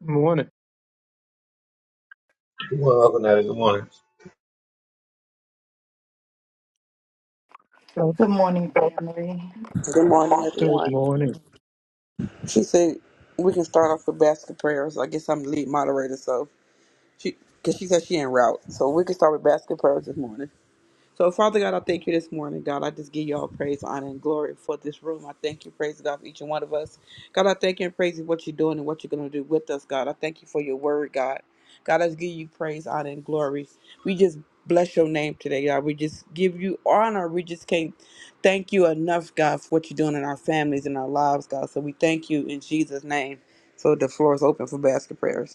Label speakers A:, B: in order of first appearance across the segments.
A: Morning.
B: Good morning, Uncle Natty. Good morning.
A: Oh,
C: Good morning, family.
D: Good morning,
A: Good
D: everyone.
A: morning.
D: She said we can start off with basket prayers. I guess I'm the lead moderator, so she because she said she en route, so we can start with basket prayers this morning. So, Father God, I thank you this morning, God. I just give you all praise, honor, and glory for this room. I thank you, praise God, for each and one of us. God, I thank you and praise you for what you're doing and what you're going to do with us, God. I thank you for your word, God. God, I just give you praise, honor, and glory. We just bless your name today, God. We just give you honor. We just can't thank you enough, God, for what you're doing in our families and our lives, God. So we thank you in Jesus' name. So the floor is open for basket prayers.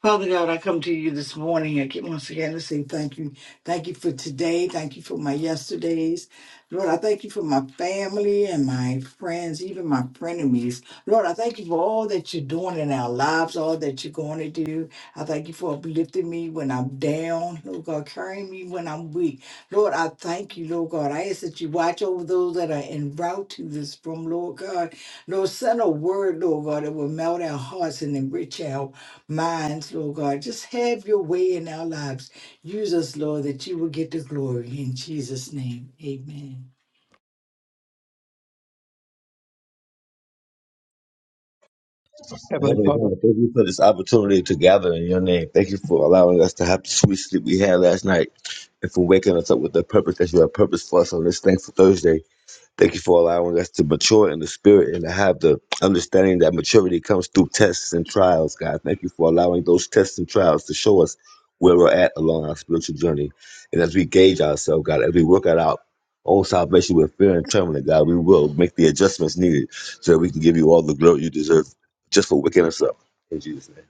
C: Father God, I come to you this morning and get- once again to say thank you. Thank you for today. Thank you for my yesterdays. Lord, I thank you for my family and my friends, even my frenemies. Lord, I thank you for all that you're doing in our lives, all that you're going to do. I thank you for uplifting me when I'm down. Lord God, carrying me when I'm weak. Lord, I thank you, Lord God. I ask that you watch over those that are en route to this from, Lord God. Lord, send a word, Lord God, that will melt our hearts and enrich our minds, Lord God. Just have your way in our lives. Use us, Lord, that you will get the glory. In Jesus' name, amen.
A: Heavenly
B: Heavenly
A: Father,
B: Father, thank you for this opportunity to gather in your name. Thank you for allowing us to have the sweet sleep we had last night and for waking us up with the purpose that you have purpose for us on this thankful Thursday. Thank you for allowing us to mature in the spirit and to have the understanding that maturity comes through tests and trials, God. Thank you for allowing those tests and trials to show us where we're at along our spiritual journey. And as we gauge ourselves, God, as we work out our own salvation with fear and trembling, God, we will make the adjustments needed so that we can give you all the glory you deserve just for waking us up. In Jesus' name.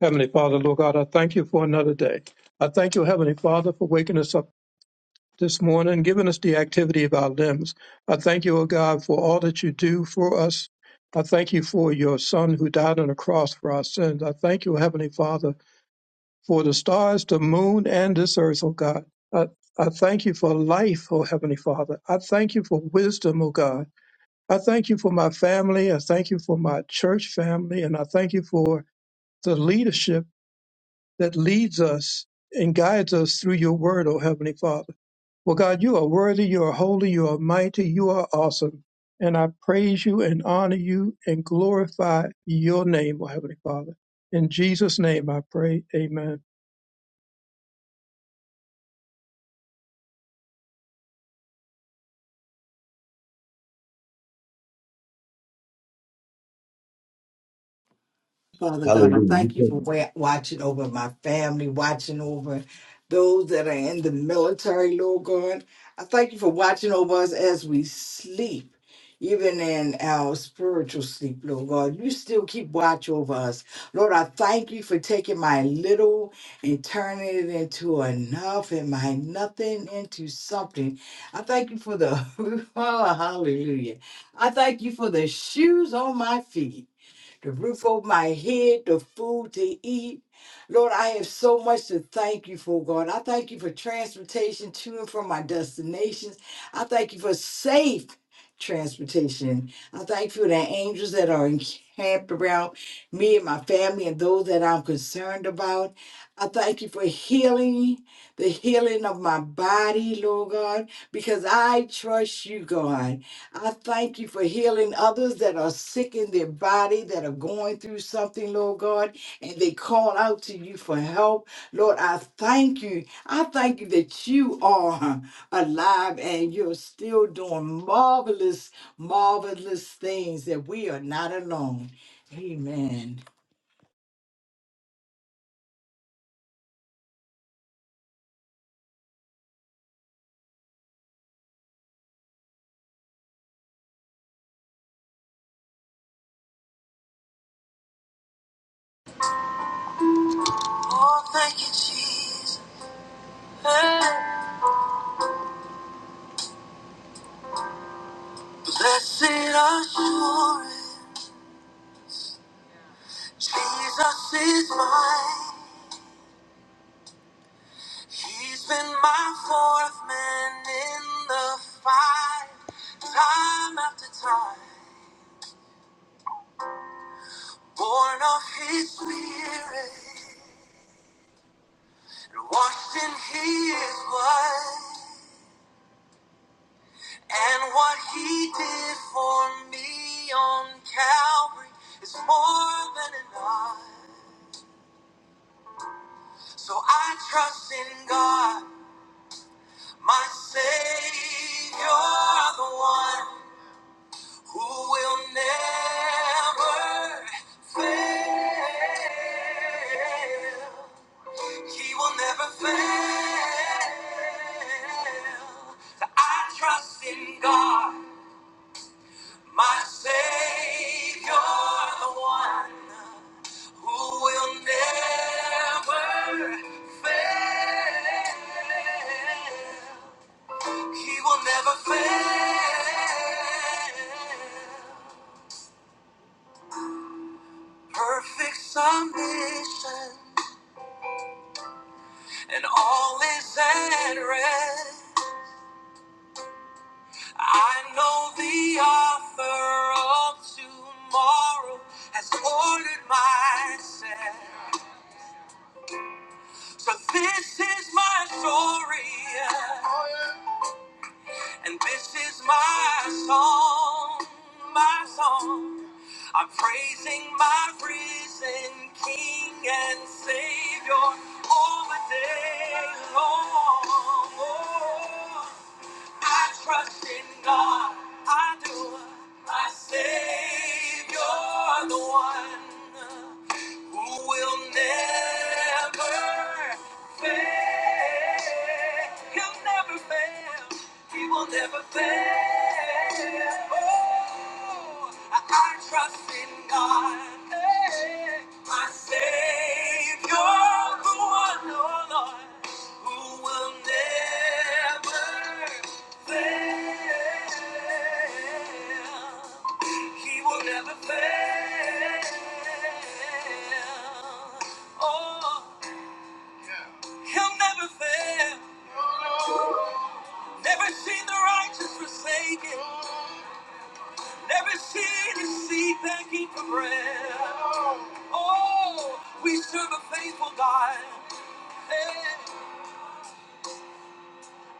A: Heavenly Father, Lord God, I thank you for another day. I thank you, Heavenly Father, for waking us up this morning giving us the activity of our limbs. I thank you, O God, for all that you do for us. I thank you for your Son who died on the cross for our sins. I thank you, Heavenly Father, for the stars, the moon, and this earth, O God. I, I thank you for life, O Heavenly Father. I thank you for wisdom, O God. I thank you for my family. I thank you for my church family. And I thank you for the leadership that leads us and guides us through your word, O Heavenly Father. Well, God, you are worthy, you are holy, you are mighty, you are awesome. And I praise you and honor you and glorify your name, O Heavenly Father. In Jesus' name I pray. Amen.
C: Father God, I thank you
B: Hallelujah.
C: for wa- watching over my family, watching over those that are in the military, Lord God. I thank you for watching over us as we sleep, even in our spiritual sleep, Lord God. You still keep watch over us. Lord, I thank you for taking my little and turning it into enough and my nothing into something. I thank you for the, oh, hallelujah. I thank you for the shoes on my feet the roof over my head, the food to eat. Lord, I have so much to thank you for, God. I thank you for transportation to and from my destinations. I thank you for safe transportation. I thank you for the angels that are encamped around me and my family and those that I'm concerned about. I thank you for healing, the healing of my body, Lord God, because I trust you, God. I thank you for healing others that are sick in their body, that are going through something, Lord God, and they call out to you for help. Lord, I thank you. I thank you that you are alive and you're still doing marvelous, marvelous things, that we are not alone. Amen.
E: Oh, thank you, Jesus. Blessed assurance, Jesus is mine. He's been my fourth man in the fight, time after time. Born of his spirit, washed in his blood. And what he did for me on Calvary is more than enough. So I trust in God, my Savior, the one who will never fail. He will never fail. So I trust in God, my Savior, the one who will never fail. He will never fail. Perfect submission, and all is at rest. I know the author of tomorrow has ordered my steps. So this is my story, yeah. and this is my song, my song. I'm praising my risen King and Savior all the day long. Oh, I trust in God, I do, my Savior, the one who will never fail. He'll never fail. He will never fail. Oh, I, I trust in God, eh, my Savior, the one, oh Lord, who will never fail. He will never fail. Oh, he'll never fail. Never seen the righteous forsaken. Never seen his seed begging for bread. Oh, we serve a faithful God. Hey.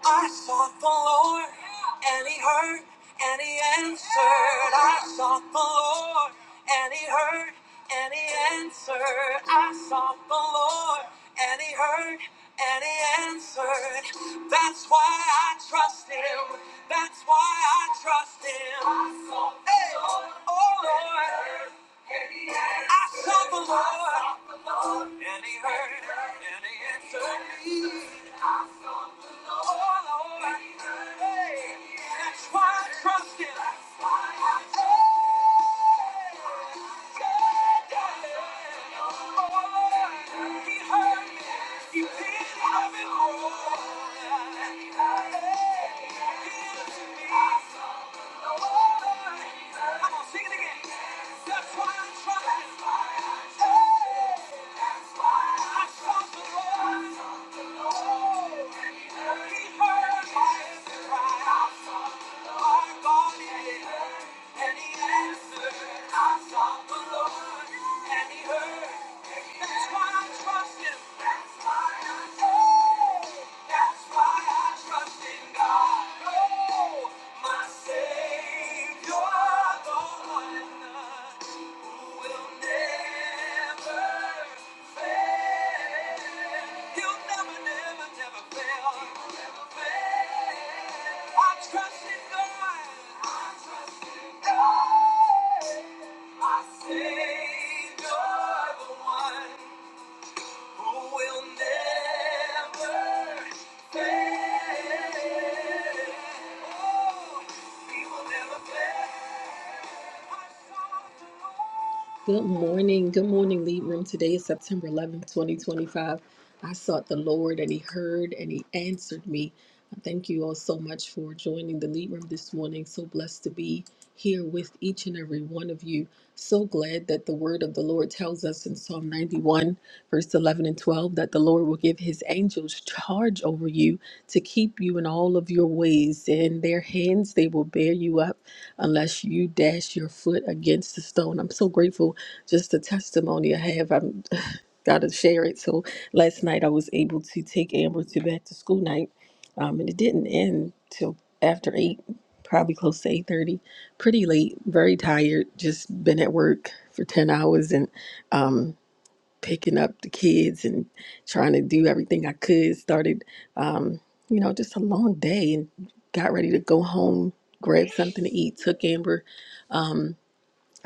E: I sought the Lord, and He heard, and He answered. I sought the Lord, and He heard, and He answered. I sought the Lord, and He heard, and He answered. That's why I trust Him. That's why I trust Him. Hey, oh Lord, I sought the Lord, and He heard, and He answered. That's why He heard me. He did love it all. Oh! Will never fail. You'll never, never, never fail. I trust in God. I trust in God. My Savior, the one who will never fail. Oh, He will never fail. Good morning. Good morning, Lead Room. Today is September 11th, 2025. I sought the Lord and He heard and He answered me. I Thank you all so much for joining the Lead Room this morning. So blessed to be here with each and every one of you. So glad that the word of the Lord tells us in Psalm 91, verse 11 and and 12 that the Lord will give his angels charge over you to keep you in all of your ways. In their hands, they will bear you up unless you dash your foot against the stone. I'm so grateful just the testimony I have. I'm got to share it. So last night I was able to take Amber to back to school night, um, and it didn't end till after 8, probably close to 8.30. Pretty late, very tired, just been at work for 10 hours and um, picking up the kids and trying to do everything I could. Started, um, you know, just a long day and got ready to go home, grab something to eat, took Amber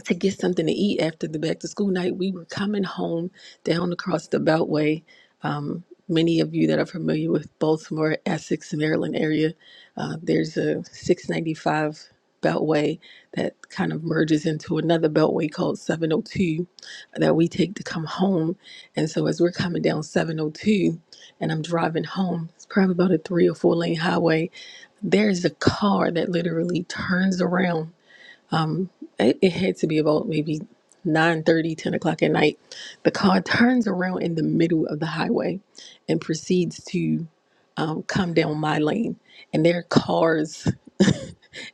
E: to get something to eat after the back to school night. We were coming home down across the Beltway. Um, many of you that are familiar with Baltimore, Essex, Maryland area, uh, there's a 695 Beltway that kind of merges into another Beltway called 702 that we take to come home. And so as we're coming down 702 and I'm driving home, it's probably about a three or four lane highway, there's a car that literally turns around it, it had to be about maybe nine thirty, ten o'clock at night the car turns around in the middle of the highway and proceeds to um, come down my lane and there are cars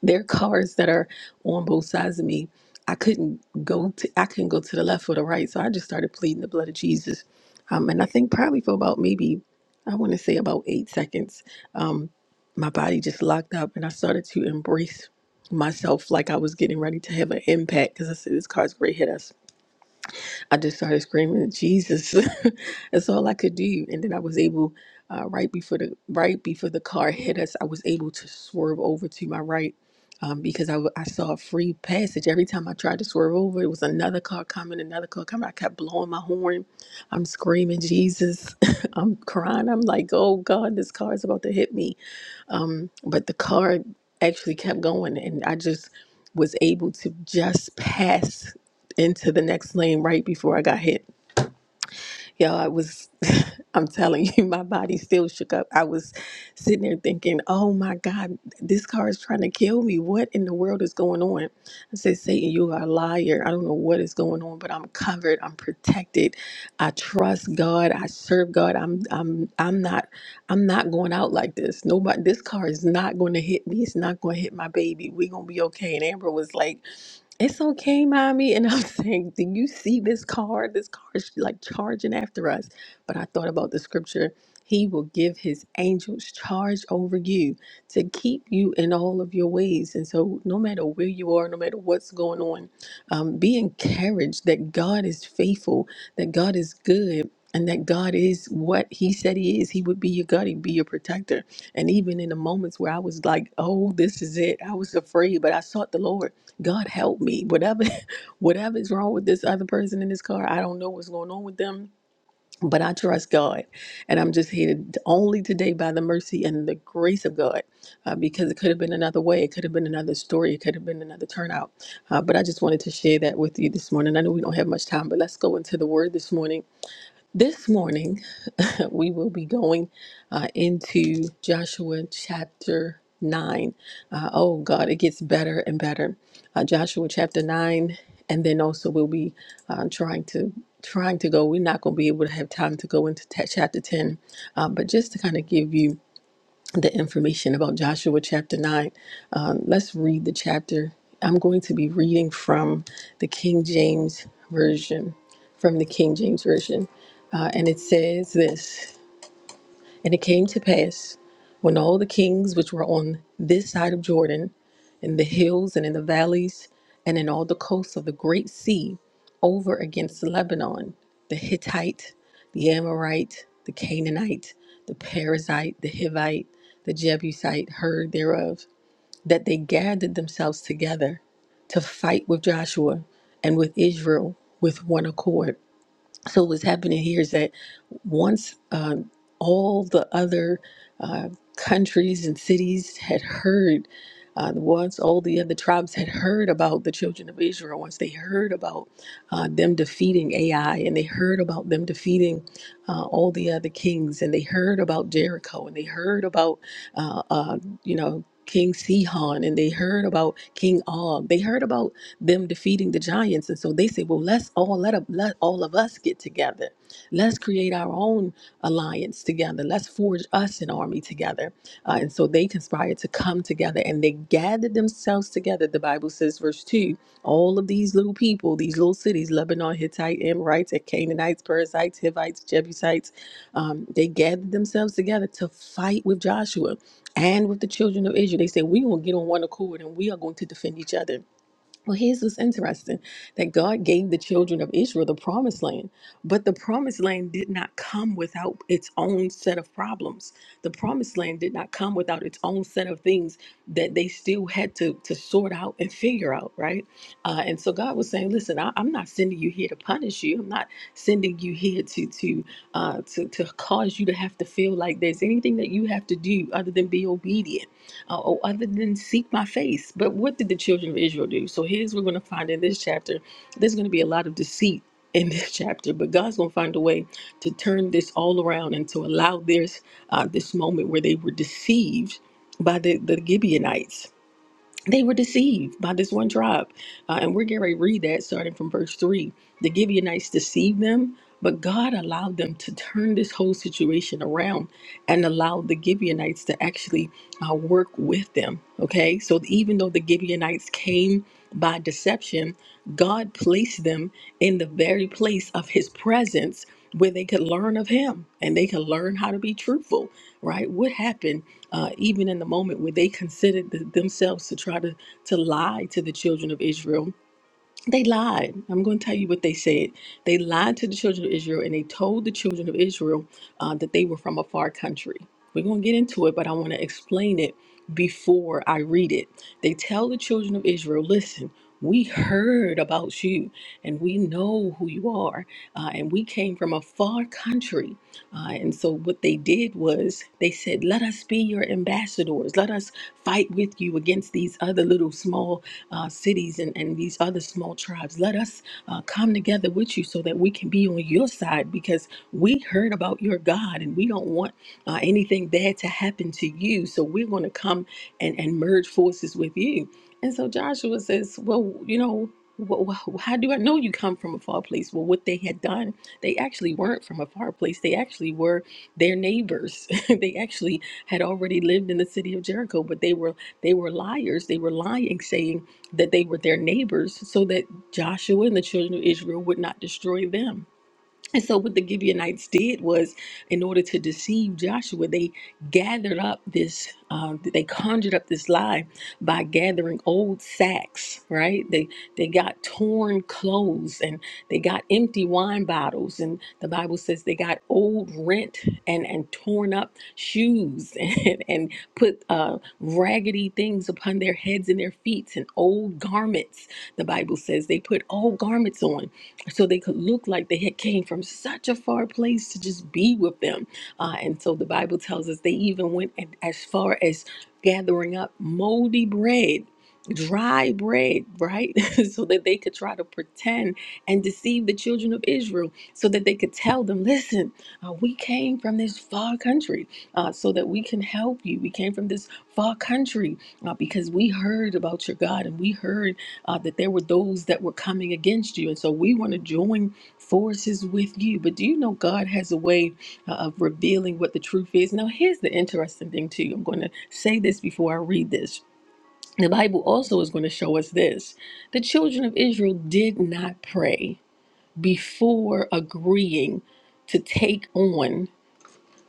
E: there are cars that are on both sides of me. I couldn't go to I couldn't go to the left or the right, so I just started pleading the blood of Jesus. Um, and I think probably for about maybe I want to say about eight seconds, um, my body just locked up, and I started to embrace myself like I was getting ready to have an impact because I said this car's great hit us I just started screaming, Jesus. That's all I could do. And then I was able, uh, right before the right before the car hit us, I was able to swerve over to my right um, because I, w- I saw a free passage. Every time I tried to swerve over, it was another car coming, another car coming. I kept blowing my horn. I'm screaming, Jesus. I'm crying. I'm like, oh God, this car is about to hit me. Um, but the car actually kept going, and I just was able to just pass into the next lane right before I got hit. Yo, I was, I'm telling you, my body still shook up. I was sitting there thinking, oh my God, this car is trying to kill me. What in the world is going on? I said, Satan, you are a liar. I don't know what is going on, but I'm covered. I'm protected. I trust God. I serve God. I'm, I'm, I'm not, I'm not going out like this. Nobody, this car is not going to hit me. It's not going to hit my baby. we are going to be okay. And Amber was like, it's okay, mommy. And I'm saying, Do you see this car? This car is like charging after us. But I thought about the scripture He will give His angels charge over you to keep you in all of your ways. And so, no matter where you are, no matter what's going on, um, be encouraged that God is faithful, that God is good. And that God is what He said He is. He would be your God. He'd be your protector. And even in the moments where I was like, oh, this is it, I was afraid, but I sought the Lord God help me. Whatever whatever is wrong with this other person in this car, I don't know what's going on with them, but I trust God. And I'm just here t- only today by the mercy and the grace of God uh, because it could have been another way. It could have been another story. It could have been another turnout. Uh, but I just wanted to share that with you this morning. I know we don't have much time, but let's go into the word this morning. This morning, we will be going uh, into Joshua chapter 9. Uh, oh, God, it gets better and better. Uh, Joshua chapter 9, and then also we'll be uh, trying to trying to go we're not going to be able to have time to go into ta chapter 10 uh, but just to kind of give you the information about Joshua chapter 9. Um, let's read the chapter. I'm going to be reading from the King James Version, from the King James Version. Uh, and it says this and it came to pass, when all the kings which were on this side of Jordan, in the hills and in the valleys, and in all the coasts of the great sea, over against Lebanon, the Hittite, the Amorite, the Canaanite, the Perizzite, the Hivite, the Jebusite, heard thereof, that they gathered themselves together to fight with Joshua and with Israel with one accord. So what's happening here is that once um, all the other uh, countries and cities had heard, uh, once all the other tribes had heard about the children of Israel, once they heard about uh, them defeating Ai, and they heard about them defeating uh, all the other kings, and they heard about Jericho, and they heard about uh, uh, you know. King Sihon, and they heard about King Og. They heard about them defeating the giants. And so they said, well, let's all let, up, let all of us get together. Let's create our own alliance together. Let's forge us an army together. Uh, and so they conspired to come together and they gathered themselves together. The Bible says, verse 2, all of these little people, these little cities, Lebanon, Hittite, Amorites, and Canaanites, Perizzites, Hivites, Jebusites, um, they gathered themselves together to fight with Joshua and with the children of Israel. They said, We're going to get on one accord and we are going to defend each other. Well, here's what's interesting that God gave the children of Israel the promised land, but the promised land did not come without its own set of problems. The promised land did not come without its own set of things that they still had to, to sort out and figure out, right? Uh, and so God was saying, Listen, I, I'm not sending you here to punish you, I'm not sending you here to, to uh, God to, to cause you to have to feel like there's anything that you have to do other than be obedient uh, or other than seek my face. But what did the children of Israel do? So here's what we're going to find in this chapter. There's going to be a lot of deceit in this chapter, but God's going to find a way to turn this all around and to allow this uh, this moment where they were deceived by the, the Gibeonites they were deceived by this one tribe. Uh, and we're getting ready to read that starting from verse 3. The Gibeonites deceived them, but God allowed them to turn this whole situation around and allowed the Gibeonites to actually uh, work with them. Okay, so even though the Gibeonites came by deception, God placed them in the very place of his presence where they could learn of him and they could learn how to be truthful, right? What happened uh, even in the moment where they considered th- themselves to try to, to lie to the children of Israel? They lied. I'm going to tell you what they said. They lied to the children of Israel and they told the children of Israel uh, that they were from a far country. We're going to get into it, but I want to explain it before I read it. They tell the children of Israel, listen, we heard about you and we know who you are, uh, and we came from a far country. Uh, and so, what they did was they said, Let us be your ambassadors. Let us fight with you against these other little small uh, cities and, and these other small tribes. Let us uh, come together with you so that we can be on your side because we heard about your God and we don't want uh, anything bad to happen to you. So we're going to come and, and merge forces with you. And so Joshua says, Well, you know, wh- wh- how do I know you come from a far place? Well, what they had done, they actually weren't from a far place. They actually were their neighbors. they actually had already lived in the city of Jericho, but they were they were liars. They were lying, saying that they were their neighbors so that Joshua and the children of Israel would not destroy them. And so, what the Gibeonites did was, in order to deceive Joshua, they gathered up this, uh, they conjured up this lie by gathering old sacks, right? They they got torn clothes and they got empty wine bottles, and the Bible says they got old rent and and torn up shoes and and put uh, raggedy things upon their heads and their feet and old garments. The Bible says they put old garments on so they could look like they had came from such a far place to just be with them uh, and so the bible tells us they even went and- as far as gathering up moldy bread dry bread right so that they could try to pretend and deceive the children of israel so that they could tell them listen uh, we came from this far country uh, so that we can help you. We came from this far country uh, because we heard about your God and we heard uh, that there were those that were coming against you. And so we want to join forces with you. But do you know God has a way uh, of revealing what the truth is? Now, here's the interesting thing, too. I'm going to say this before I read this. The Bible also is going to show us this the children of Israel did not pray before agreeing to take on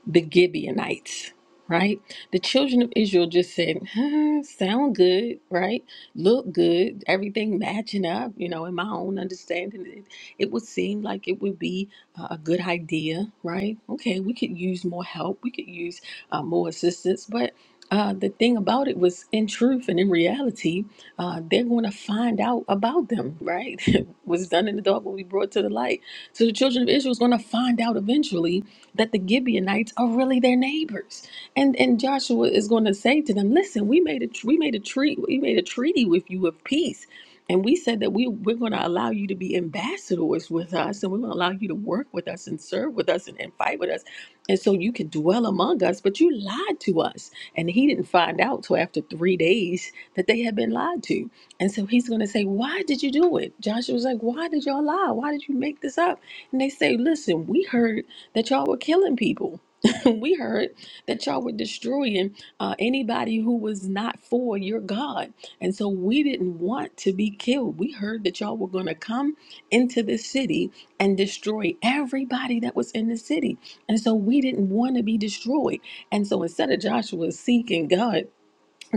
E: the Gibeonites, right? The children of Israel just said, huh, sound good, right? Look good, everything matching up. You know, in my own understanding, it, it would seem like it would be uh, a good idea, right? Okay, we could use more help, we could use uh, more assistance, but. Uh, the thing about it was, in truth and in reality, uh, they're going to find out about them, right? What's done in the dark will be brought to the light. So the children of Israel is going to find out eventually that the Gibeonites are really their neighbors. And and Joshua is going to say to them, "Listen, we made a tr- we made a treat we made a treaty with you of peace, and we said that we we're going to allow you to be ambassadors with us, and we're going to allow you to work with us and serve with us and, and fight with us, and so you can dwell among us. But you lied to us, and he didn't find out till after three days that they had been lied to. And so he's going to say, "Why did you do it?" Joshua's like, "Why did y'all lie? Why did you make this up?" And they say, "Listen, we heard." that y'all were killing people. we heard that y'all were destroying uh, anybody who was not for your God. And so we didn't want to be killed. We heard that y'all were going to come into the city and destroy everybody that was in the city. And so we didn't want to be destroyed. And so instead of Joshua seeking God,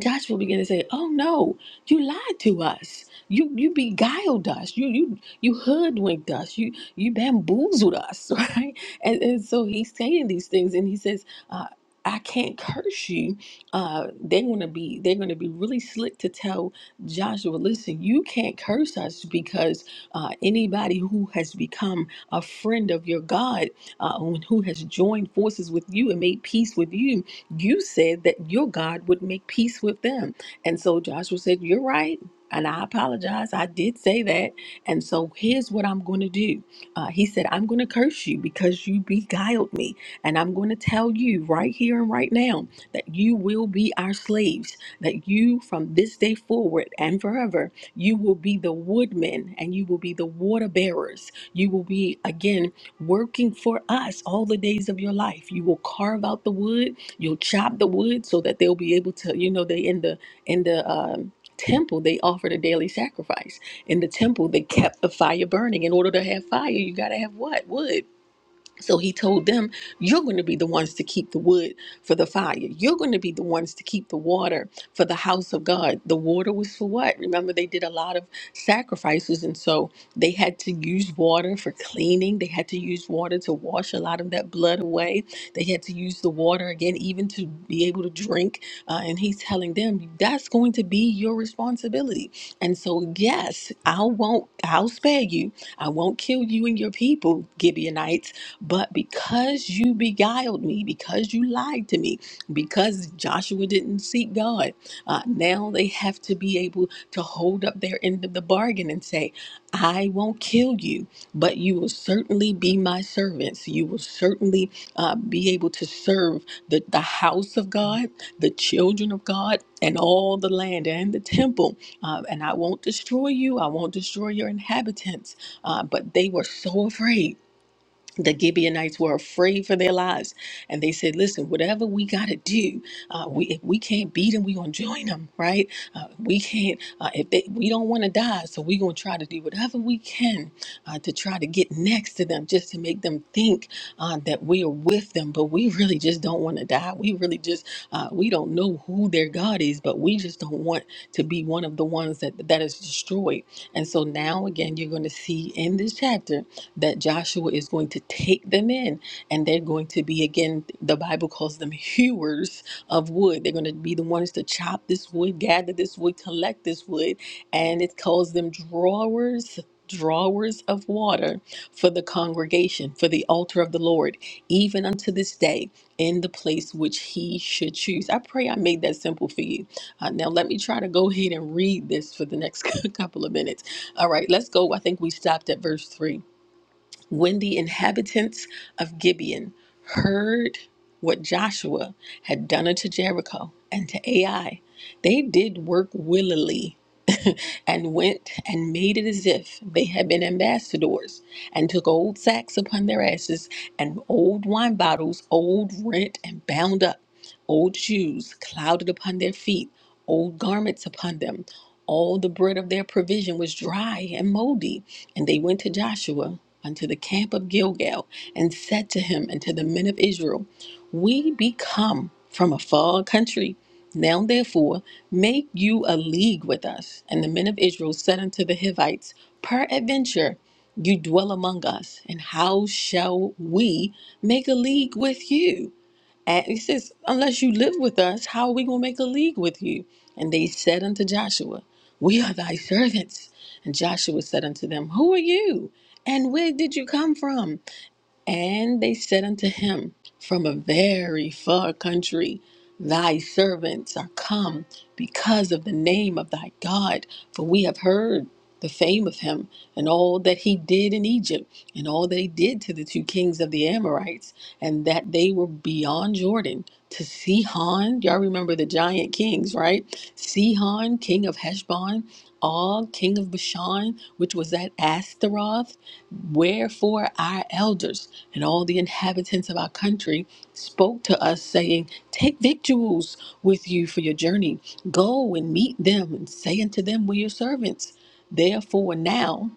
E: Joshua began to say, "Oh no, you lied to us. You you beguiled us. You you you hoodwinked us. You you bamboozled us, right?" And and so he's saying these things, and he says, uh, "I can't curse you. Uh, they're gonna be they're gonna be really slick to tell Joshua, listen, you can't curse us because uh, anybody who has become a friend of your God, uh, who has joined forces with you and made peace with you." You said that your God would make peace with them. And so Joshua said, You're right. And I apologize. I did say that. And so here's what I'm going to do. Uh, he said, I'm going to curse you because you beguiled me. And I'm going to tell you right here and right now that you will be our slaves, that you from this day forward and forever, you will be the woodmen and you will be the water bearers. You will be, again, working for us all the days of your life. You will carve out the wood You'll chop the wood so that they'll be able to, you know, they in the in the um, temple they offered a daily sacrifice. In the temple they kept the fire burning. In order to have fire, you gotta have what wood. So he told them, You're going to be the ones to keep the wood for the fire. You're going to be the ones to keep the water for the house of God. The water was for what? Remember, they did a lot of sacrifices. And so they had to use water for cleaning. They had to use water to wash a lot of that blood away. They had to use the water again, even to be able to drink. Uh, and he's telling them, That's going to be your responsibility. And so, yes, I won't, I'll spare you. I won't kill you and your people, Gibeonites but because you beguiled me, because you lied to me, because Joshua didn't seek God, uh, now they have to be able to hold up their end of the bargain and say, I won't kill you, but you will certainly be my servants. You will certainly uh, be able to serve the, the house of God, the children of God, and all the land and the temple. Uh, and I won't destroy you, I won't destroy your inhabitants. Uh, but they were so afraid the Gibeonites were afraid for their lives, and they said, "Listen, whatever we got to do, uh, we if we can't beat them, we gonna join them, right? Uh, we can't uh, if they we don't want to die, so we gonna try to do whatever we can uh, to try to get next to them, just to make them think uh, that we are with them. But we really just don't want to die. We really just uh, we don't know who their God is, but we just don't want to be one of the ones that that is destroyed. And so now again, you're gonna see in this chapter." that Joshua is going to take them in and they're going to be again the Bible calls them hewers of wood. They're going to be the ones to chop this wood, gather this wood, collect this wood, and it calls them drawers drawers of water for the congregation for the altar of the Lord even unto this day in the place which he should choose. I pray I made that simple for you. Uh, now let me try to go ahead and read this for the next couple of minutes. All right, let's go. I think we stopped at verse 3. When the inhabitants of Gibeon heard what Joshua had done unto Jericho and to Ai, they did work willily and went and made it as if they had been ambassadors and took old sacks upon their asses and old wine bottles, old rent and bound up, old shoes clouded upon their feet, old garments upon them. All the bread of their provision was dry and moldy and they went to Joshua unto the camp of Gilgal and said to him and to the men of Israel, We be come from a far country. Now therefore, make you a league with us. And the men of Israel said unto the Hivites, Peradventure, you dwell among us, and how shall we make a league with you? And he says, Unless you live with us, how are we going to make a league with you? And they said unto Joshua, We are thy servants. And Joshua said unto them, Who are you? And where did you come from? And they said unto him, From a very far country thy servants are come because of the name of thy God, for we have heard the fame of him, and all that he did in Egypt, and all that he did to the two kings of the Amorites, and that they were beyond Jordan to Sihon. Y'all remember the giant kings, right? Sihon, king of Heshbon, Og, king of Bashan, which was at Ashtaroth. Wherefore our elders and all the inhabitants of our country spoke to us, saying, Take victuals with you for your journey. Go and meet them, and say unto them, We are your servants. Therefore now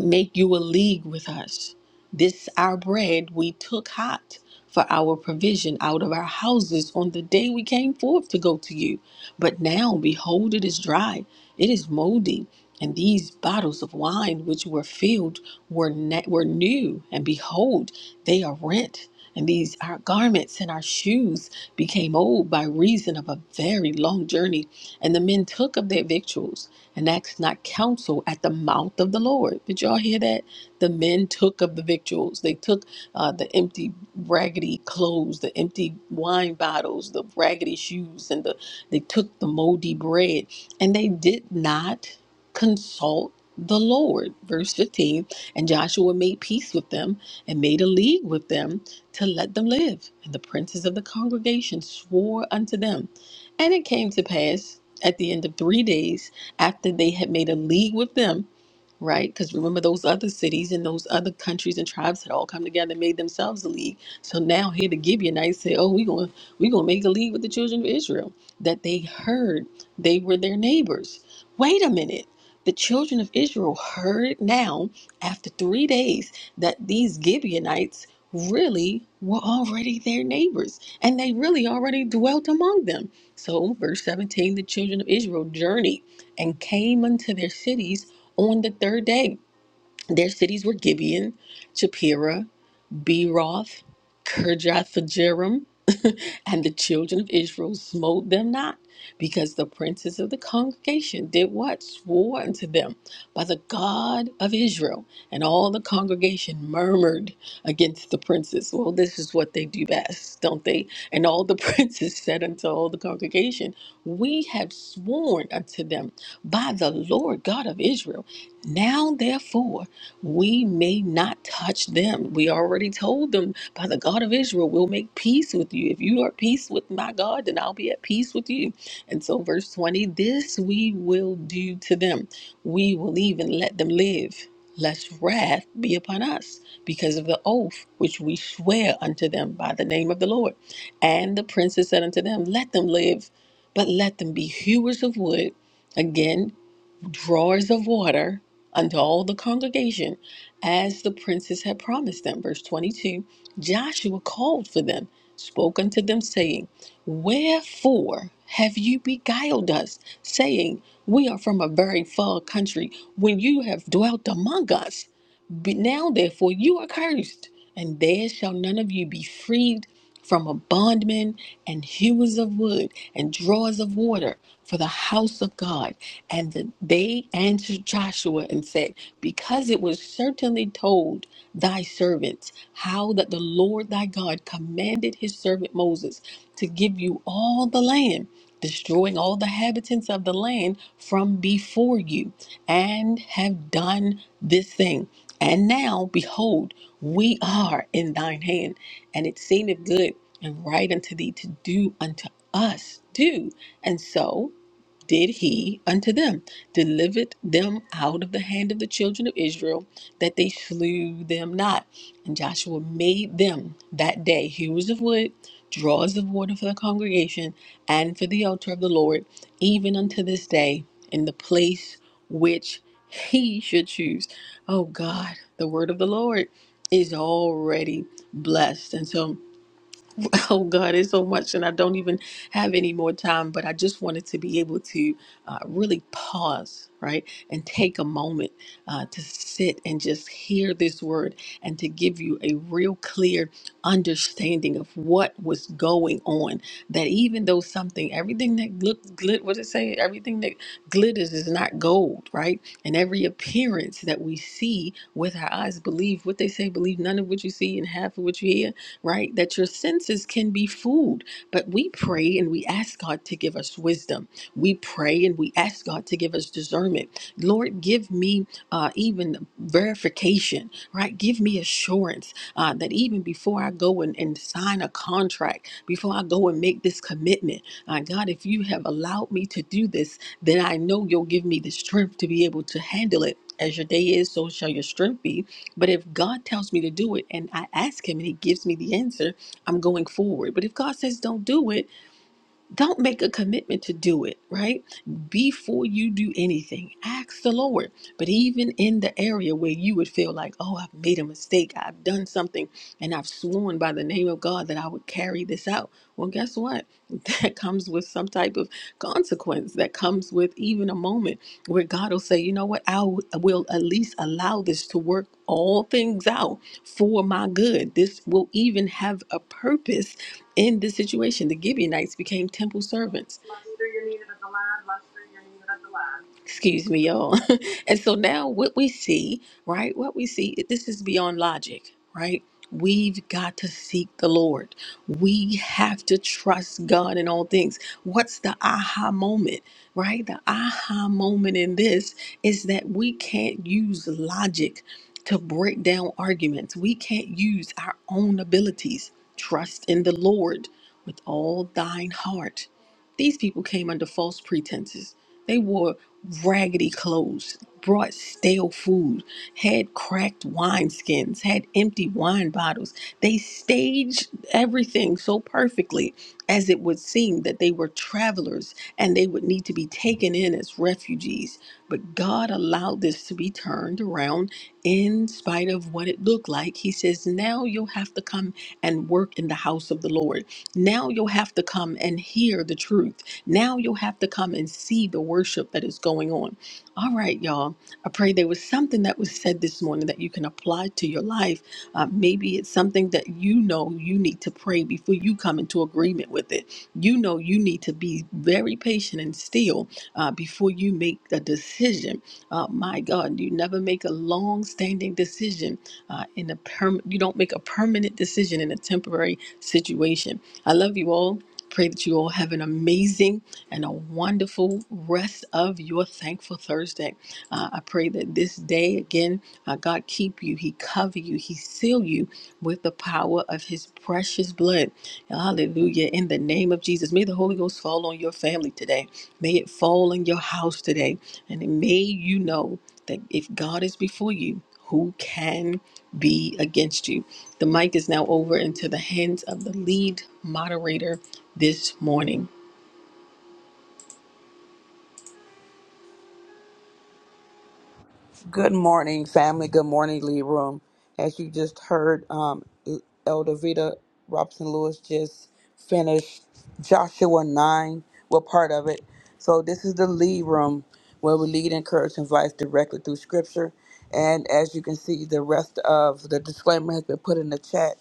E: make you a league with us. This our bread we took hot for our provision out of our houses on the day we came forth to go to you. But now, behold, it is dry, it is moldy. And these bottles of wine which were filled were, ne- were new, and behold, they are rent. And these our garments and our shoes became old by reason of a very long journey. And the men took of their victuals and asked not counsel at the mouth of the Lord. Did y'all hear that? The men took of the victuals. They took uh, the empty, raggedy clothes, the empty wine bottles, the raggedy shoes, and the they took the moldy bread and they did not consult the Lord. Verse 15 And Joshua made peace with them and made a league with them to let them live. And the princes of the congregation swore unto them. And it came to pass at the end of three days, after they had made a league with them, right? Because remember, those other cities and those other countries and tribes had all come together and made themselves a league. So now here the Gibeonites say, "Oh, we are going we are gonna make a league with the children of Israel." That they heard they were their neighbors. Wait a minute. The children of Israel heard now, after three days, that these Gibeonites really were already their neighbors and they really already dwelt among them. So, verse 17 the children of Israel journeyed and came unto their cities on the third day. Their cities were Gibeon, Shapira, B. Kirjathjearim, and the children of Israel smote them not, because the princes of the congregation did what? Swore unto them by the God of Israel. And all the congregation murmured against the princes. Well, this is what they do best, don't they? And all the princes said unto all the congregation, We have sworn unto them by the Lord God of Israel. Now, therefore, we may not touch them. We already told them by the God of Israel, we'll make peace with you. If you are at peace with my God, then I'll be at peace with you. And so, verse 20 this we will do to them. We will even let them live, lest wrath be upon us because of the oath which we swear unto them by the name of the Lord. And the princes said unto them, Let them live, but let them be hewers of wood. Again, drawers of water unto all the congregation, as the princes had promised them. Verse 22 Joshua called for them, spoke unto them, saying, Wherefore have you beguiled us, saying, We are from a very far country, when you have dwelt among us? Be- Now, therefore, you are cursed, and there shall none of you be freed from a bondman and hewers of wood and drawers of water for the house of God. And the, they answered Joshua and said, Because it was certainly told thy servants how that the Lord thy God commanded his servant Moses to give you all the land, destroying all the habitants of the land from before you, and have done this thing. And now, behold, we are in thine hand, and it seemeth good and right unto thee to do unto us. Do. And so did he unto them, delivered them out of the hand of the children of Israel, that they slew them not. And Joshua made them that day hewers of wood, drawers of water for the congregation, and for the altar of the Lord, even unto this day, in the place which he should choose. Oh God, the word of the Lord is already blessed. And so Oh God, it's so much, and I don't even have any more time. But I just wanted to be able to uh, really pause, right, and take a moment uh, to sit and just hear this word, and to give you a real clear understanding of what was going on. That even though something, everything that looked, glit, what did it say? Everything that glitters is not gold, right? And every appearance that we see with our eyes, believe what they say, believe none of what you see and half of what you hear, right? That your senses can be fooled. But we pray and we ask God to give us wisdom. We pray and we ask God to give us discernment. Lord, give me uh, even verification, right? Give give me assurance uh, that even before I go and, and sign a contract, before I go and make this commitment, uh, God, if you have allowed me to do this, then I know you'll give me the strength to be able to handle it. As your day is, so shall your strength be. But if God tells me to do it and I ask Him and He gives me the answer, I'm going forward. But if God says don't do it, don't make a commitment to do it, right? Before you do anything, ask the Lord. But even in the area where you would feel like, oh, I've made a mistake, I've done something, and I've sworn by the name of God that I would carry this out. Well, guess what? That comes with some type of consequence. That comes with even a moment where God will say, you know what? I will will at least allow this to work all things out for my good. This will even have a purpose in this situation, the Gibeonites became temple servants. Excuse me, y'all. and so now what we see, right? What we see, this is beyond logic, right? We've got to seek the Lord. We have to trust God in all things. What's the aha moment, right? The aha moment in this is that we can't use logic to break down arguments. We can't use our own abilities. Trust in the Lord with all thine heart. These people came under false pretenses. They wore raggedy clothes, brought stale food, had cracked wineskins, had empty wine bottles. They staged everything so perfectly as it would seem that they were travelers and they would need to be taken in as refugees. But God allowed this to be turned around in spite of what it looked like, he says, Now you'll have to come and work in the house of the Lord. Now you'll have to come and hear the truth. Now you'll have to come and see the worship that is going on. All right, y'all. I pray there was something that was said this morning that you can apply to your life. Uh, maybe it's something that you know you need to pray before you come into agreement with it. You know you need to be very patient and still uh, before you make a decision. Uh, my God, you never make a long-standing decision uh, in a perm. You don't make a permanent decision in a temporary situation. I love you all. Pray that you all have an amazing and a wonderful rest of your thankful Thursday. Uh, I pray that this day again, uh, God keep you, He cover you, He seal you with the power of His precious blood. Hallelujah! In the name of Jesus, may the Holy Ghost fall on your family today. May it fall on your house today, and may you know that if God is before you. Who can be against you? The mic is now over into the hands of the lead moderator this morning.
D: Good morning, family. Good morning, Lee Room. As you just heard, um, Elder Vita Robson Lewis just finished Joshua 9. Well, part of it. So, this is the Lee Room where we lead, encourage, and advise directly through Scripture. And as you can see, the rest of the disclaimer has been put in the chat.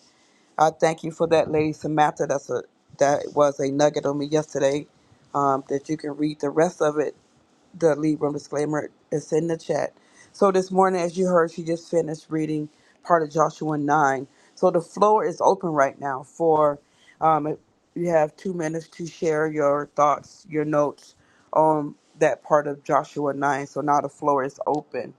D: I thank you for that, Lady Samantha. That's a that was a nugget on me yesterday. Um, that you can read the rest of it the lead room disclaimer is in the chat. So this morning, as you heard, she just finished reading part of Joshua 9. So the floor is open right now for um, if you have two minutes to share your thoughts, your notes on that part of Joshua 9. So now the floor is open.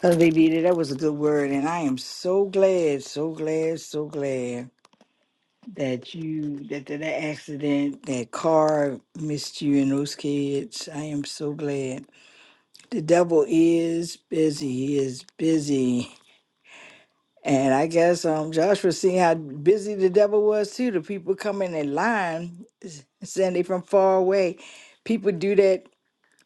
C: Hallelujah. That was a good word. And I am so glad, so glad, so glad. that you that that that accident that car missed you and those kids i am so glad the devil is busy he is busy and i guess um joshua seeing how busy the devil was too the people coming in line s- saying they from far away people do that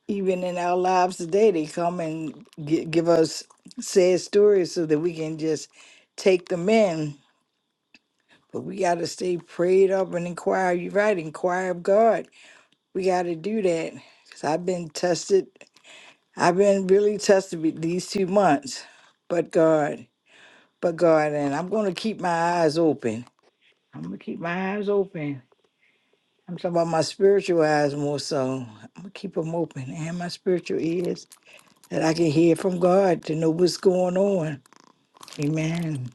C: even in our lives today they come and gi- give us sad stories so that we can just take them in But we got to stay prayed up and inquire. You're right, inquire of God. We got to do that. Because I've been tested. I've been really tested with these two months. But God, but God, and I'm going to keep my eyes open. I'm going to keep my eyes open. I'm talking about my spiritual eyes more so. I'm going to keep them open and my spiritual ears that I can hear from God to know what's going on. Amen.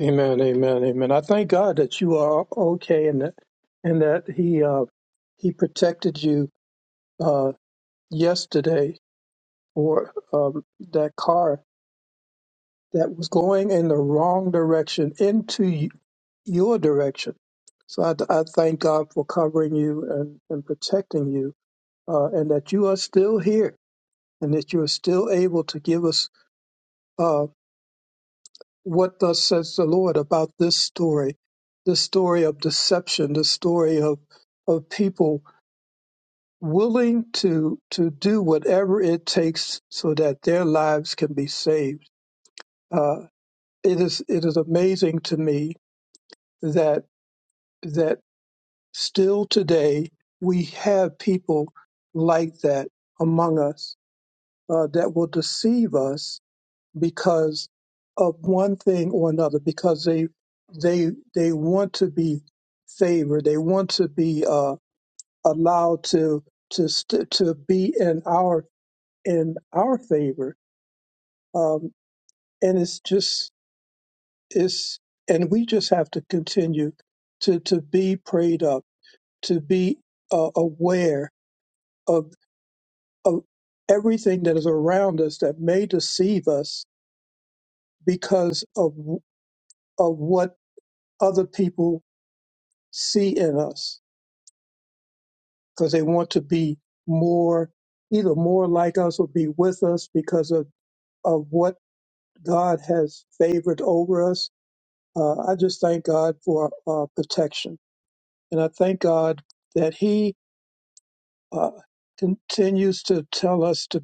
A: Amen. Amen. Amen. I thank God that you are okay and that and that He uh, He protected you uh, yesterday Or um, that car that was going in the wrong direction into y- your direction. So I, I thank God for covering you and, and protecting you, uh, and that you are still here and that you are still able to give us uh, what thus says the Lord about this story, this story of deception, this story of of people willing to to do whatever it takes so that their lives can be saved. uh, it is it is amazing to me that that still today we have people like that among us uh, that will deceive us because of one thing or another because they they they want to be favored they want to be uh, allowed to to st- to be in our in our favor um, and it's just it's and we just have to continue to to be prayed up to be uh, aware of of everything that is around us that may deceive us because of of what other people see in us because they want to be more either more like us or be with us because of of what God has favored over us. Uh, I just thank God for uh, protection, and I thank God that He uh, continues to tell us to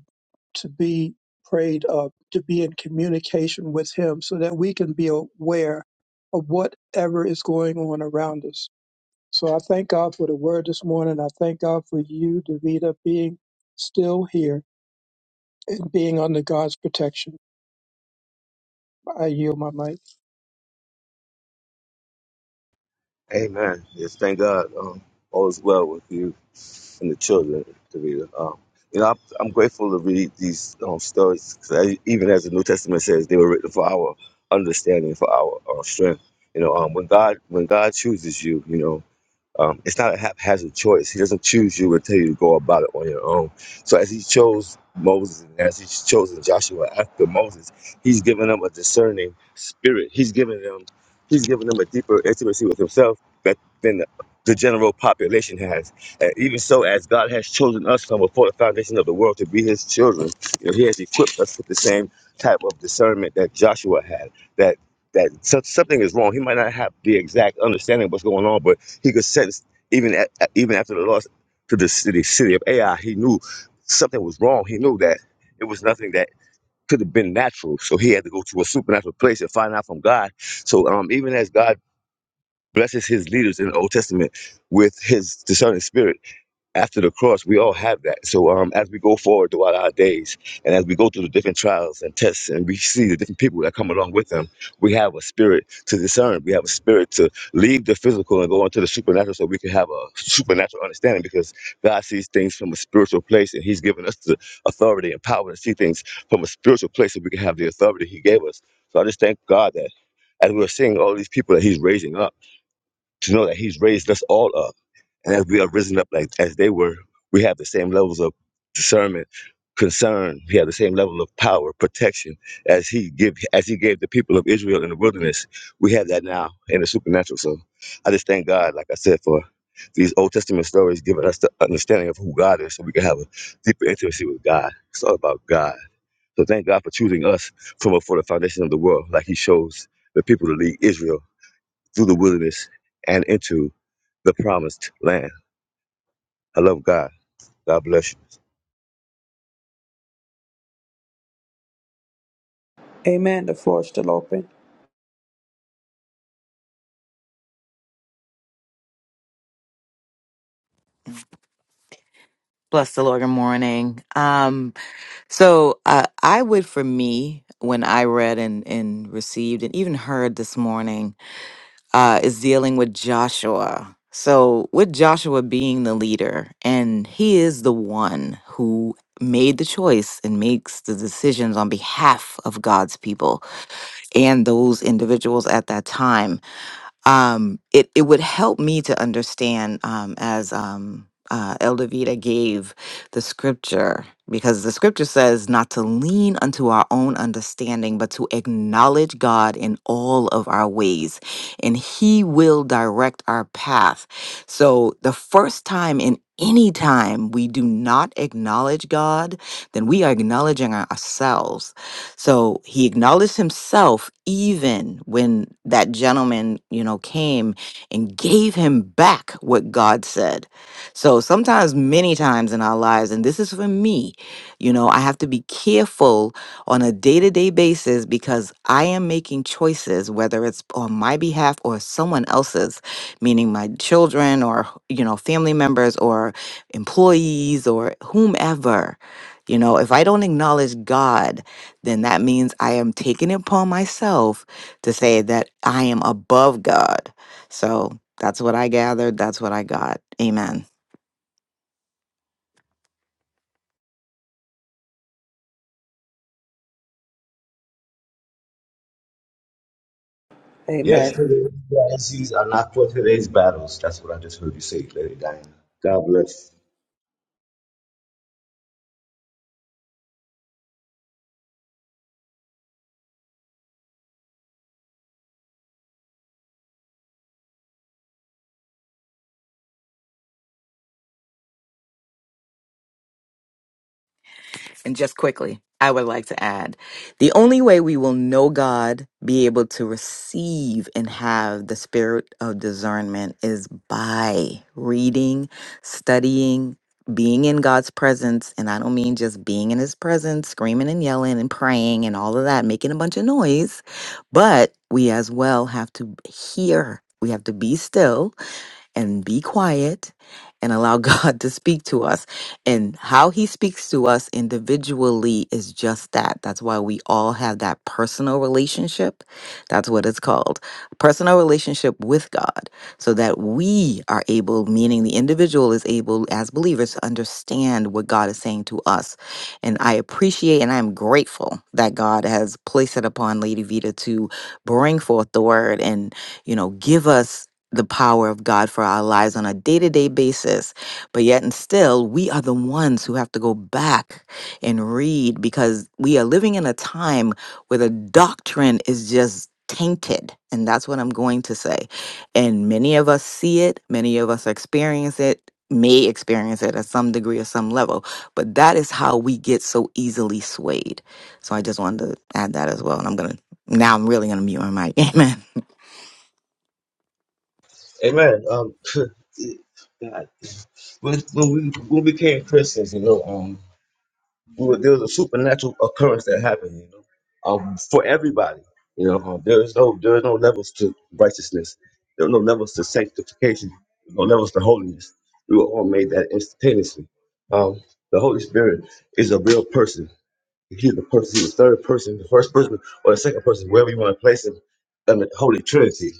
A: to be prayed up, to be in communication with Him, so that we can be aware of whatever is going on around us. So I thank God for the Word this morning. I thank God for you, Davida, being still here and being under God's protection. I yield my mic.
B: Amen. Yes, thank God. Um, all is well with you. and the children to read. it. Um, you know, I'm, I'm grateful to read these um, stories 'cause I, even as the New Testament says, they were written for our understanding, for our, our strength. You know, um, when God when God chooses you, you know. Um, it's not a haphazard choice. He doesn't choose you or tell you to go about it on your own. So as he chose Moses and as he's chosen Joshua after Moses, he's given them a discerning spirit. He's given them he's given them a deeper intimacy with himself that than the, the general population has. And even so, as God has chosen us from before the foundation of the world to be his children, you know, he has equipped us with the same type of discernment that Joshua had, that that so- something is wrong. He might not have the exact understanding of what's going on, but he could sense even at, even after the loss to the city city of Ai, he knew something was wrong. He knew that it was nothing that could have been natural. So he had to go to a supernatural place and find out from God. So um, even as God blesses His leaders in the Old Testament with His discerning spirit after the cross, we all have that. So um, as we go forward throughout our days, and as we go through the different trials and tests, and we see the different people that come along with them, we have a spirit to discern. We have a spirit to leave the physical and go into the supernatural, so we can have a supernatural understanding. Because God sees things from a spiritual place, and He's given us the authority and power to see things from a spiritual place, so we can have the authority He gave us. So I just thank God that as we're seeing all these people that He's raising up to know that He's raised us all up. And as we are risen up like as they were, we have the same levels of discernment, concern. We have the same level of power, protection as He give as He gave the people of Israel in the wilderness. We have that now in the supernatural. So I just thank God, like I said, for these Old Testament stories giving us the understanding of who God is, so we can have a deeper intimacy with God. It's all about God. So thank God for choosing us from before the foundation of the world, like He chose the people to lead Israel through the wilderness and into the promised land. I love God. God bless you.
D: Amen. The floor is still open.
F: Bless the Lord. Good morning. Um, so uh, I would, for me, when I read and, and received and even heard this morning, uh, is dealing with Joshua. So with Joshua being the leader, and he is the one who made the choice and makes the decisions on behalf of God's people and those individuals at that time um, it it would help me to understand um, as um, uh, Elder Vita gave the scripture because the scripture says not to lean unto our own understanding, but to acknowledge God in all of our ways, and He will direct our path. So the first time in any time we do not acknowledge God, then we are acknowledging ourselves. So he acknowledged himself even when that gentleman, you know, came and gave him back what God said. So sometimes, many times in our lives, and this is for me, you know, I have to be careful on a day to day basis because I am making choices, whether it's on my behalf or someone else's, meaning my children or, you know, family members or employees or whomever. You know, if I don't acknowledge God, then that means I am taking it upon myself to say that I am above God. So that's what I gathered. That's what I got. Amen.
D: Amen.
B: Yesterday's blessings are not for today's battles. That's what I just heard you say, Lady Diana. God bless.
F: And just quickly, I would like to add the only way we will know God, be able to receive and have the spirit of discernment is by reading, studying, being in God's presence. And I don't mean just being in his presence, screaming and yelling and praying and all of that, making a bunch of noise, but we as well have to hear. We have to be still and be quiet and allow God to speak to us. And how He speaks to us individually is just that. That's why we all have that personal relationship. That's what it's called personal relationship with God, so that we are able, meaning the individual is able as believers to understand what God is saying to us. And I appreciate and I'm grateful that God has placed it upon Lady Vita to bring forth the word and, you know, give us the power of God for our lives on a day to day basis. But yet, and still, we are the ones who have to go back and read because we are living in a time where the doctrine is just tainted. And that's what I'm going to say. And many of us see it, many of us experience it. May experience it at some degree or some level, but that is how we get so easily swayed. So I just wanted to add that as well. And I'm gonna now I'm really gonna mute my mic. Amen.
B: Amen. Um, God, when, when we when we became Christians, you know, um, we were- there was a supernatural occurrence that happened, you know, um, for everybody. You know, um, there is no there is no levels to righteousness. There are no levels to sanctification. There's No levels to holiness. We were all made that instantaneously. Um, the Holy Spirit is a real person. He's the person, he's the third person, the first person, or the second person, wherever you want to place him in the Holy Trinity.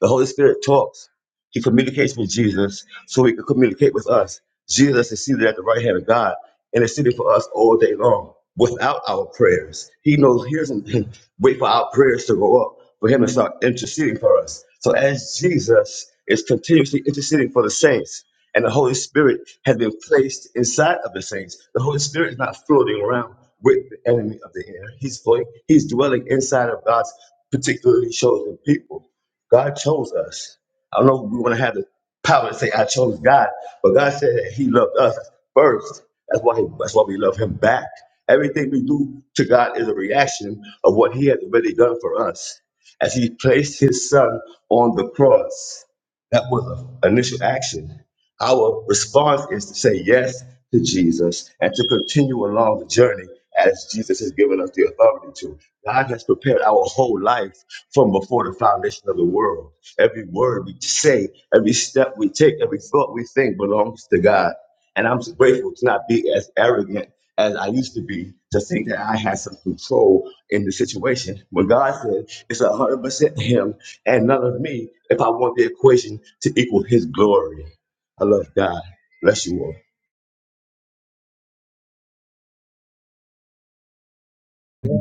B: The Holy Spirit talks. He communicates with Jesus so he can communicate with us. Jesus is seated at the right hand of God and is seated for us all day long without our prayers. He knows, hears, and wait for our prayers to go up for him to start interceding for us. So as Jesus is continuously interceding for the saints, and the Holy Spirit has been placed inside of the saints. The Holy Spirit is not floating around with the enemy of the air. He's floating, he's dwelling inside of God's particularly chosen people. God chose us. I don't know if we want to have the power to say I chose God, but God said that He loved us first. That's why he, that's why we love Him back. Everything we do to God is a reaction of what He has already done for us. As He placed His Son on the cross, that was an initial action. Our response is to say yes to Jesus and to continue along the journey as Jesus has given us the authority to. God has prepared our whole life from before the foundation of the world. Every word we say, every step we take, every thought we think belongs to God. And I'm so grateful to not be as arrogant as I used to be to think that I had some control in the situation. When God said it's 100% Him and none of me if I want the equation to equal His glory. I love God. Bless you all.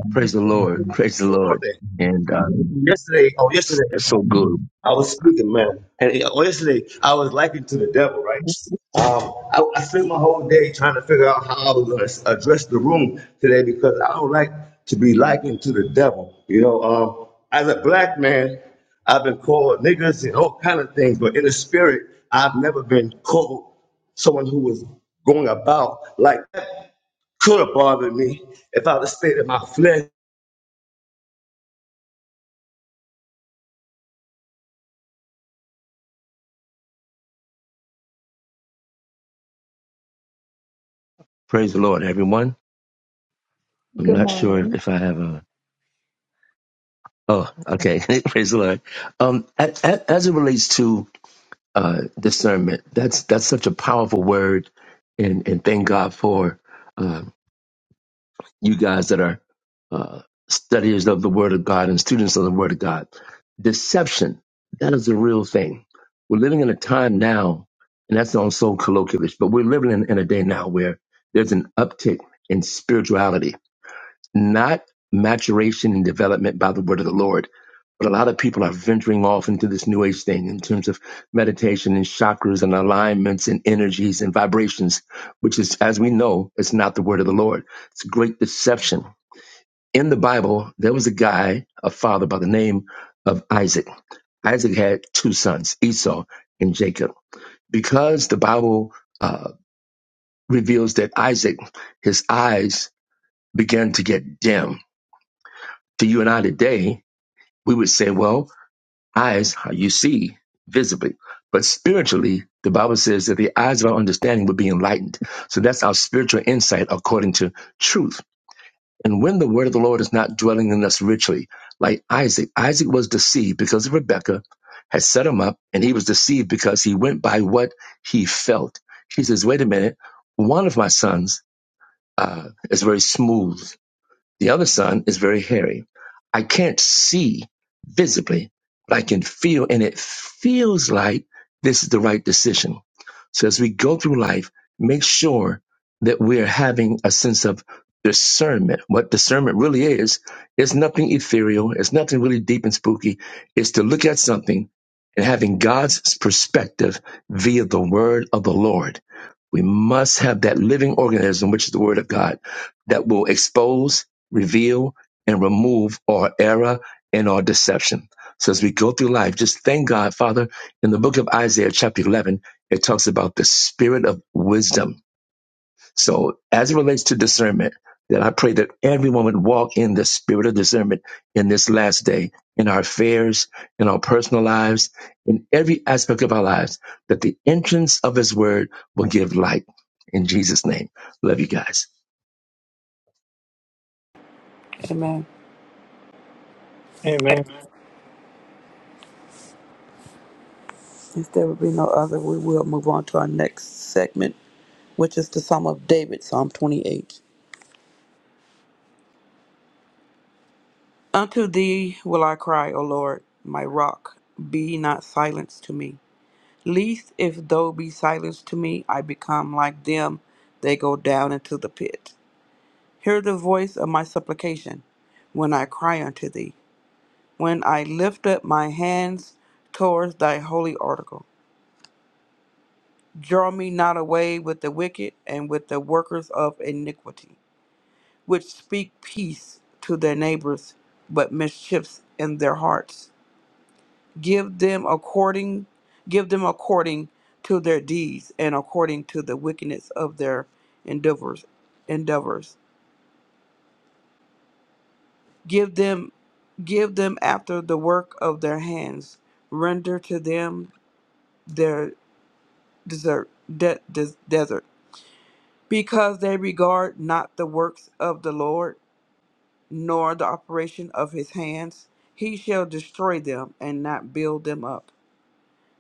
G: Praise the
B: One
G: Lord. Praise the
B: more
G: Lord.
B: thing.
G: And uh,
B: Yesterday, oh, yesterday,
G: that's so good.
B: I was speaking, man. And yeah, oh, yesterday, I was likened to the devil, right? Um, I, I spent my whole day trying to figure out how I was going to address the room today because I don't like to be likened to the devil. You know, um, as a black man, I've been called niggas and all kind of things, but in the spirit, I've never been called someone who was going about like that could have bothered me if I'd have stayed in my flesh.
G: Praise the Lord, everyone. I'm
H: Good
G: not sure if,
H: morning.
G: if I have a. Oh, okay. Praise the Lord. Um, a- a- as it relates to uh, discernment, that's that's such a powerful word, and and thank God for. uh, you guys that are uh, studiers of the Word of God and students of the Word of God. Deception, that is a real thing. We're living in a time now, and that's not so colloquialish, but we're living in, in a day now where there's an uptick in spirituality not maturation and development by the word of the Lord. But a lot of people are venturing off into this new age thing in terms of meditation and chakras and alignments and energies and vibrations, which is, as we know, it's not the word of the Lord. It's a great deception. In the Bible, there was a guy, a father by the name of Isaac. Isaac had two sons, Esau and Jacob. Because the Bible uh, reveals that Isaac, his eyes began to get dim. To you and I today, we would say, well, eyes, you see visibly. But spiritually, the Bible says that the eyes of our understanding would be enlightened. So that's our spiritual insight according to truth. And when the word of the Lord is not dwelling in us richly, like Isaac, Isaac was deceived because of Rebekah had set him up and he was deceived because he went by what he felt. He says, wait a minute, one of my sons uh, is very smooth the other son is very hairy. I can't see visibly, but I can feel, and it feels like this is the right decision. So as we go through life, make sure that we're having a sense of discernment. What discernment really is, is nothing ethereal. It's nothing really deep and spooky. It's to look at something and having God's perspective via the word of the Lord. We must have that living organism, which is the word of God, that will expose reveal, and remove all error and all deception. So as we go through life, just thank God, Father. In the book of Isaiah, chapter 11, it talks about the spirit of wisdom. So as it relates to discernment, that I pray that everyone would walk in the spirit of discernment in this last day, in our affairs, in our personal lives, in every aspect of our lives, that the entrance of his word will give light. In Jesus' name. Love you guys.
D: Amen.
A: Amen.
D: If there would be no other, we will move on to our next segment, which is the Psalm of David, Psalm 28. Unto thee will I cry, O Lord, my rock. Be not silenced to me. Least if thou be silenced to me, I become like them they go down into the pit. Hear the voice of my supplication when I cry unto thee, when I lift up my hands towards thy holy article. Draw me not away with the wicked and with the workers of iniquity, which speak peace to their neighbors, but mischiefs in their hearts. give them according give them according to their deeds and according to the wickedness of their endeavors endeavors give them give them after the work of their hands render to them their desert de- des- desert because they regard not the works of the lord nor the operation of his hands he shall destroy them and not build them up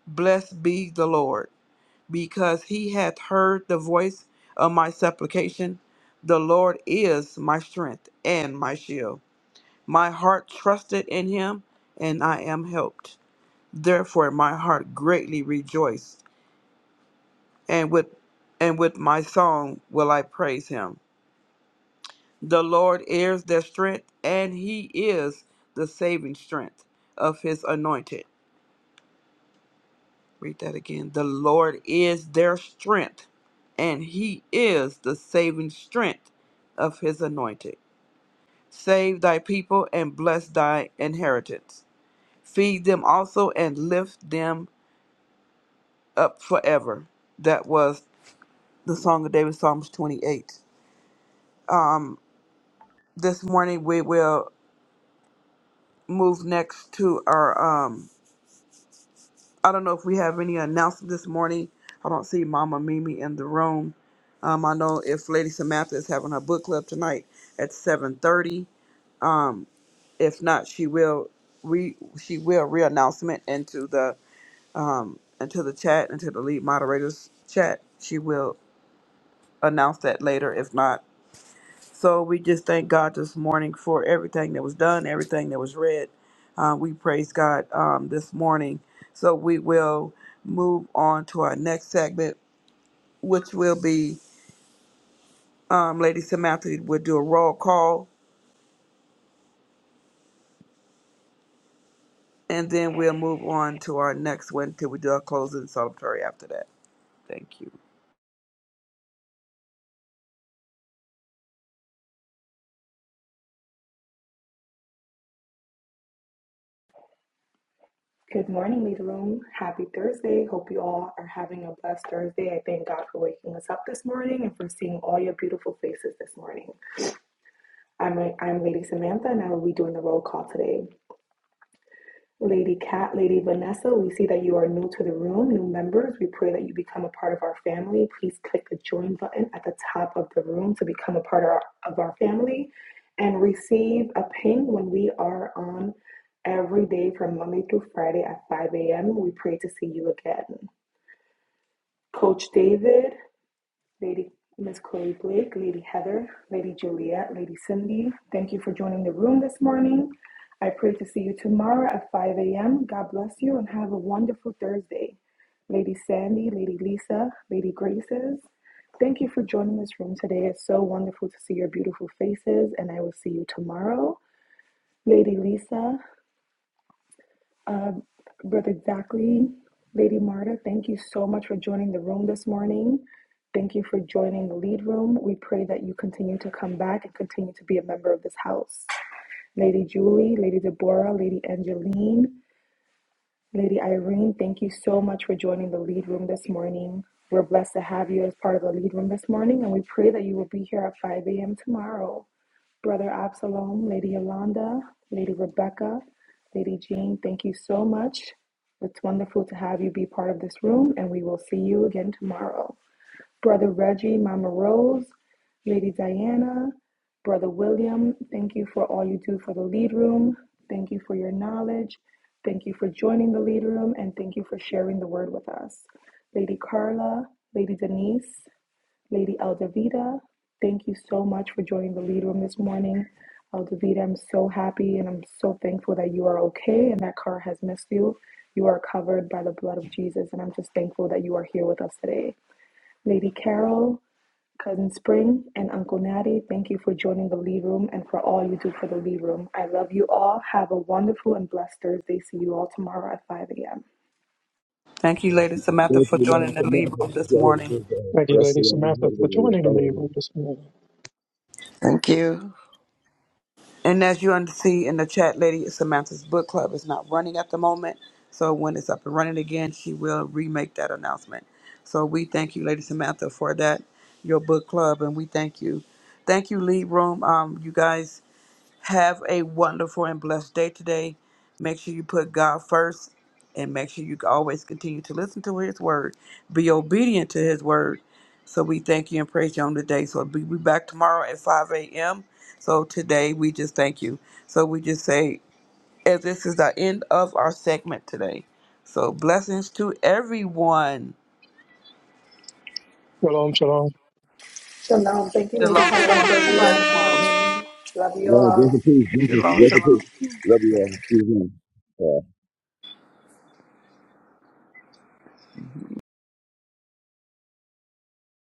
D: blessed be the lord because he hath heard the voice of my supplication. The Lord is my strength and my shield. My heart trusted in him, and I am helped. Therefore my heart greatly rejoiced, and with and with my song will I praise him. The Lord is their strength, and he is the saving strength of his anointed. Read that again. The Lord is their strength, and he is the saving strength of his anointed. Save thy people and bless thy inheritance. Feed them also and lift them up forever. That was the Song of David, Psalms 28. This morning we will move next to our um, I don't know if we have any announcements this morning. I don't see Mama Mimi in the room. Um, I know if Lady Samantha is having her book club tonight at seven thirty. Um, if not, she will re she will re-announcement into the um into the chat into the lead moderators chat. She will announce that later. If not, so we just thank God this morning for everything that was done, everything that was read. Uh, we praise God um, this morning. So we will move on to our next segment, which will be um, Lady Samantha will do a roll call, and then we'll move on to our next one till we do our closing celebratory after that. Thank you.
H: Good morning, lead Room. Happy Thursday. Hope you all are having a blessed Thursday. I thank God for waking us up this morning and for seeing all your beautiful faces this morning. I'm, I'm Lady Samantha, and I will be doing the roll call today. Lady Kat, Lady Vanessa, we see that you are new to the room, new members. We pray that you become a part of our family. Please click the join button at the top of the room to become a part of our, of our family and receive a ping when we are on every day from Monday through Friday at 5 a.m. We pray to see you again. Coach David, Lady Miss Chloe Blake, Lady Heather, Lady Juliet, Lady Cindy, thank you for joining the room this morning. I pray to see you tomorrow at 5 a.m. God bless you and have a wonderful Thursday. Lady Sandy, Lady Lisa, Lady Graces, thank you for joining this room today. It's so wonderful to see your beautiful faces, and I will see you tomorrow. Lady Lisa, um, Brother Zachary, Lady Marta, thank you so much for joining the room this morning. Thank you for joining the lead room. We pray that you continue to come back and continue to be a member of this house. Lady Julie, Lady Deborah, Lady Angeline, Lady Irene, thank you so much for joining the lead room this morning. We're blessed to have you as part of the lead room this morning, and we pray that you will be here at 5 a.m. tomorrow. Brother Absalom, Lady Yolanda, Lady Rebecca, Lady Jean, thank you so much. It's wonderful to have you be part of this room, and we will see you again tomorrow. Brother Reggie, Mama Rose, Lady Diana, Brother William, thank you for all you do for the lead room. Thank you for your knowledge. Thank you for joining the lead room, and thank you for sharing the word with us. Lady Carla, Lady Denise, Lady Eldavita, thank you so much for joining the lead room this morning. Eldavita, I'm so happy and I'm so thankful that you are okay and that car has missed you. You are covered by the blood of Jesus, and I'm just thankful that you are here with us today. Lady Carol, Cousin Spring, and Uncle Natty, thank you for joining the lead room and for all you do for the lead room. I love you all. Have a wonderful and blessed Thursday. See you all tomorrow at 5 a.m.
D: Thank you, Lady Samantha,
B: Thank
D: for
B: you, Lord,
D: joining the
B: for my
D: lead room
B: blessing.
D: this
B: Glory to
D: morning.
B: you, God.
A: Thank you,
B: Bless
A: Lady
B: you, Lord.
A: Samantha, for
B: Hallelujah. Thank you, Lord.
A: joining
B: for
A: the
B: your
A: lead
B: family.
A: room this morning.
I: Thank you.
D: And as you under- see in the chat, Lady Samantha's book club is not running at the moment. So when it's up and running again, she will remake that announcement. So we thank you, Lady Samantha, for that, your book club, and we thank you. Thank you, Lead Room. Um, you guys have a wonderful and blessed day today. Make sure you put God first and make sure you always continue to listen to His word. Be obedient to His word. So we thank you and praise you on today. So we'll be back tomorrow at 5 a.m. So today we just thank you. So we just say, as this is the end of our segment today. So blessings to everyone.
A: Shalom, shalom.
H: Shalom. Thank you,
D: Shalom,
H: Lady
D: shalom
H: Carol,
J: Shalom.
H: for reading
J: Shalom.
H: this
D: to
H: morning. Love you
B: Lord,
H: all.
B: grace and peace. Bless us.
D: everyone. Shalom,
B: Grace
D: shalom.
B: and peace. Love you all. See you soon.
I: Mhm.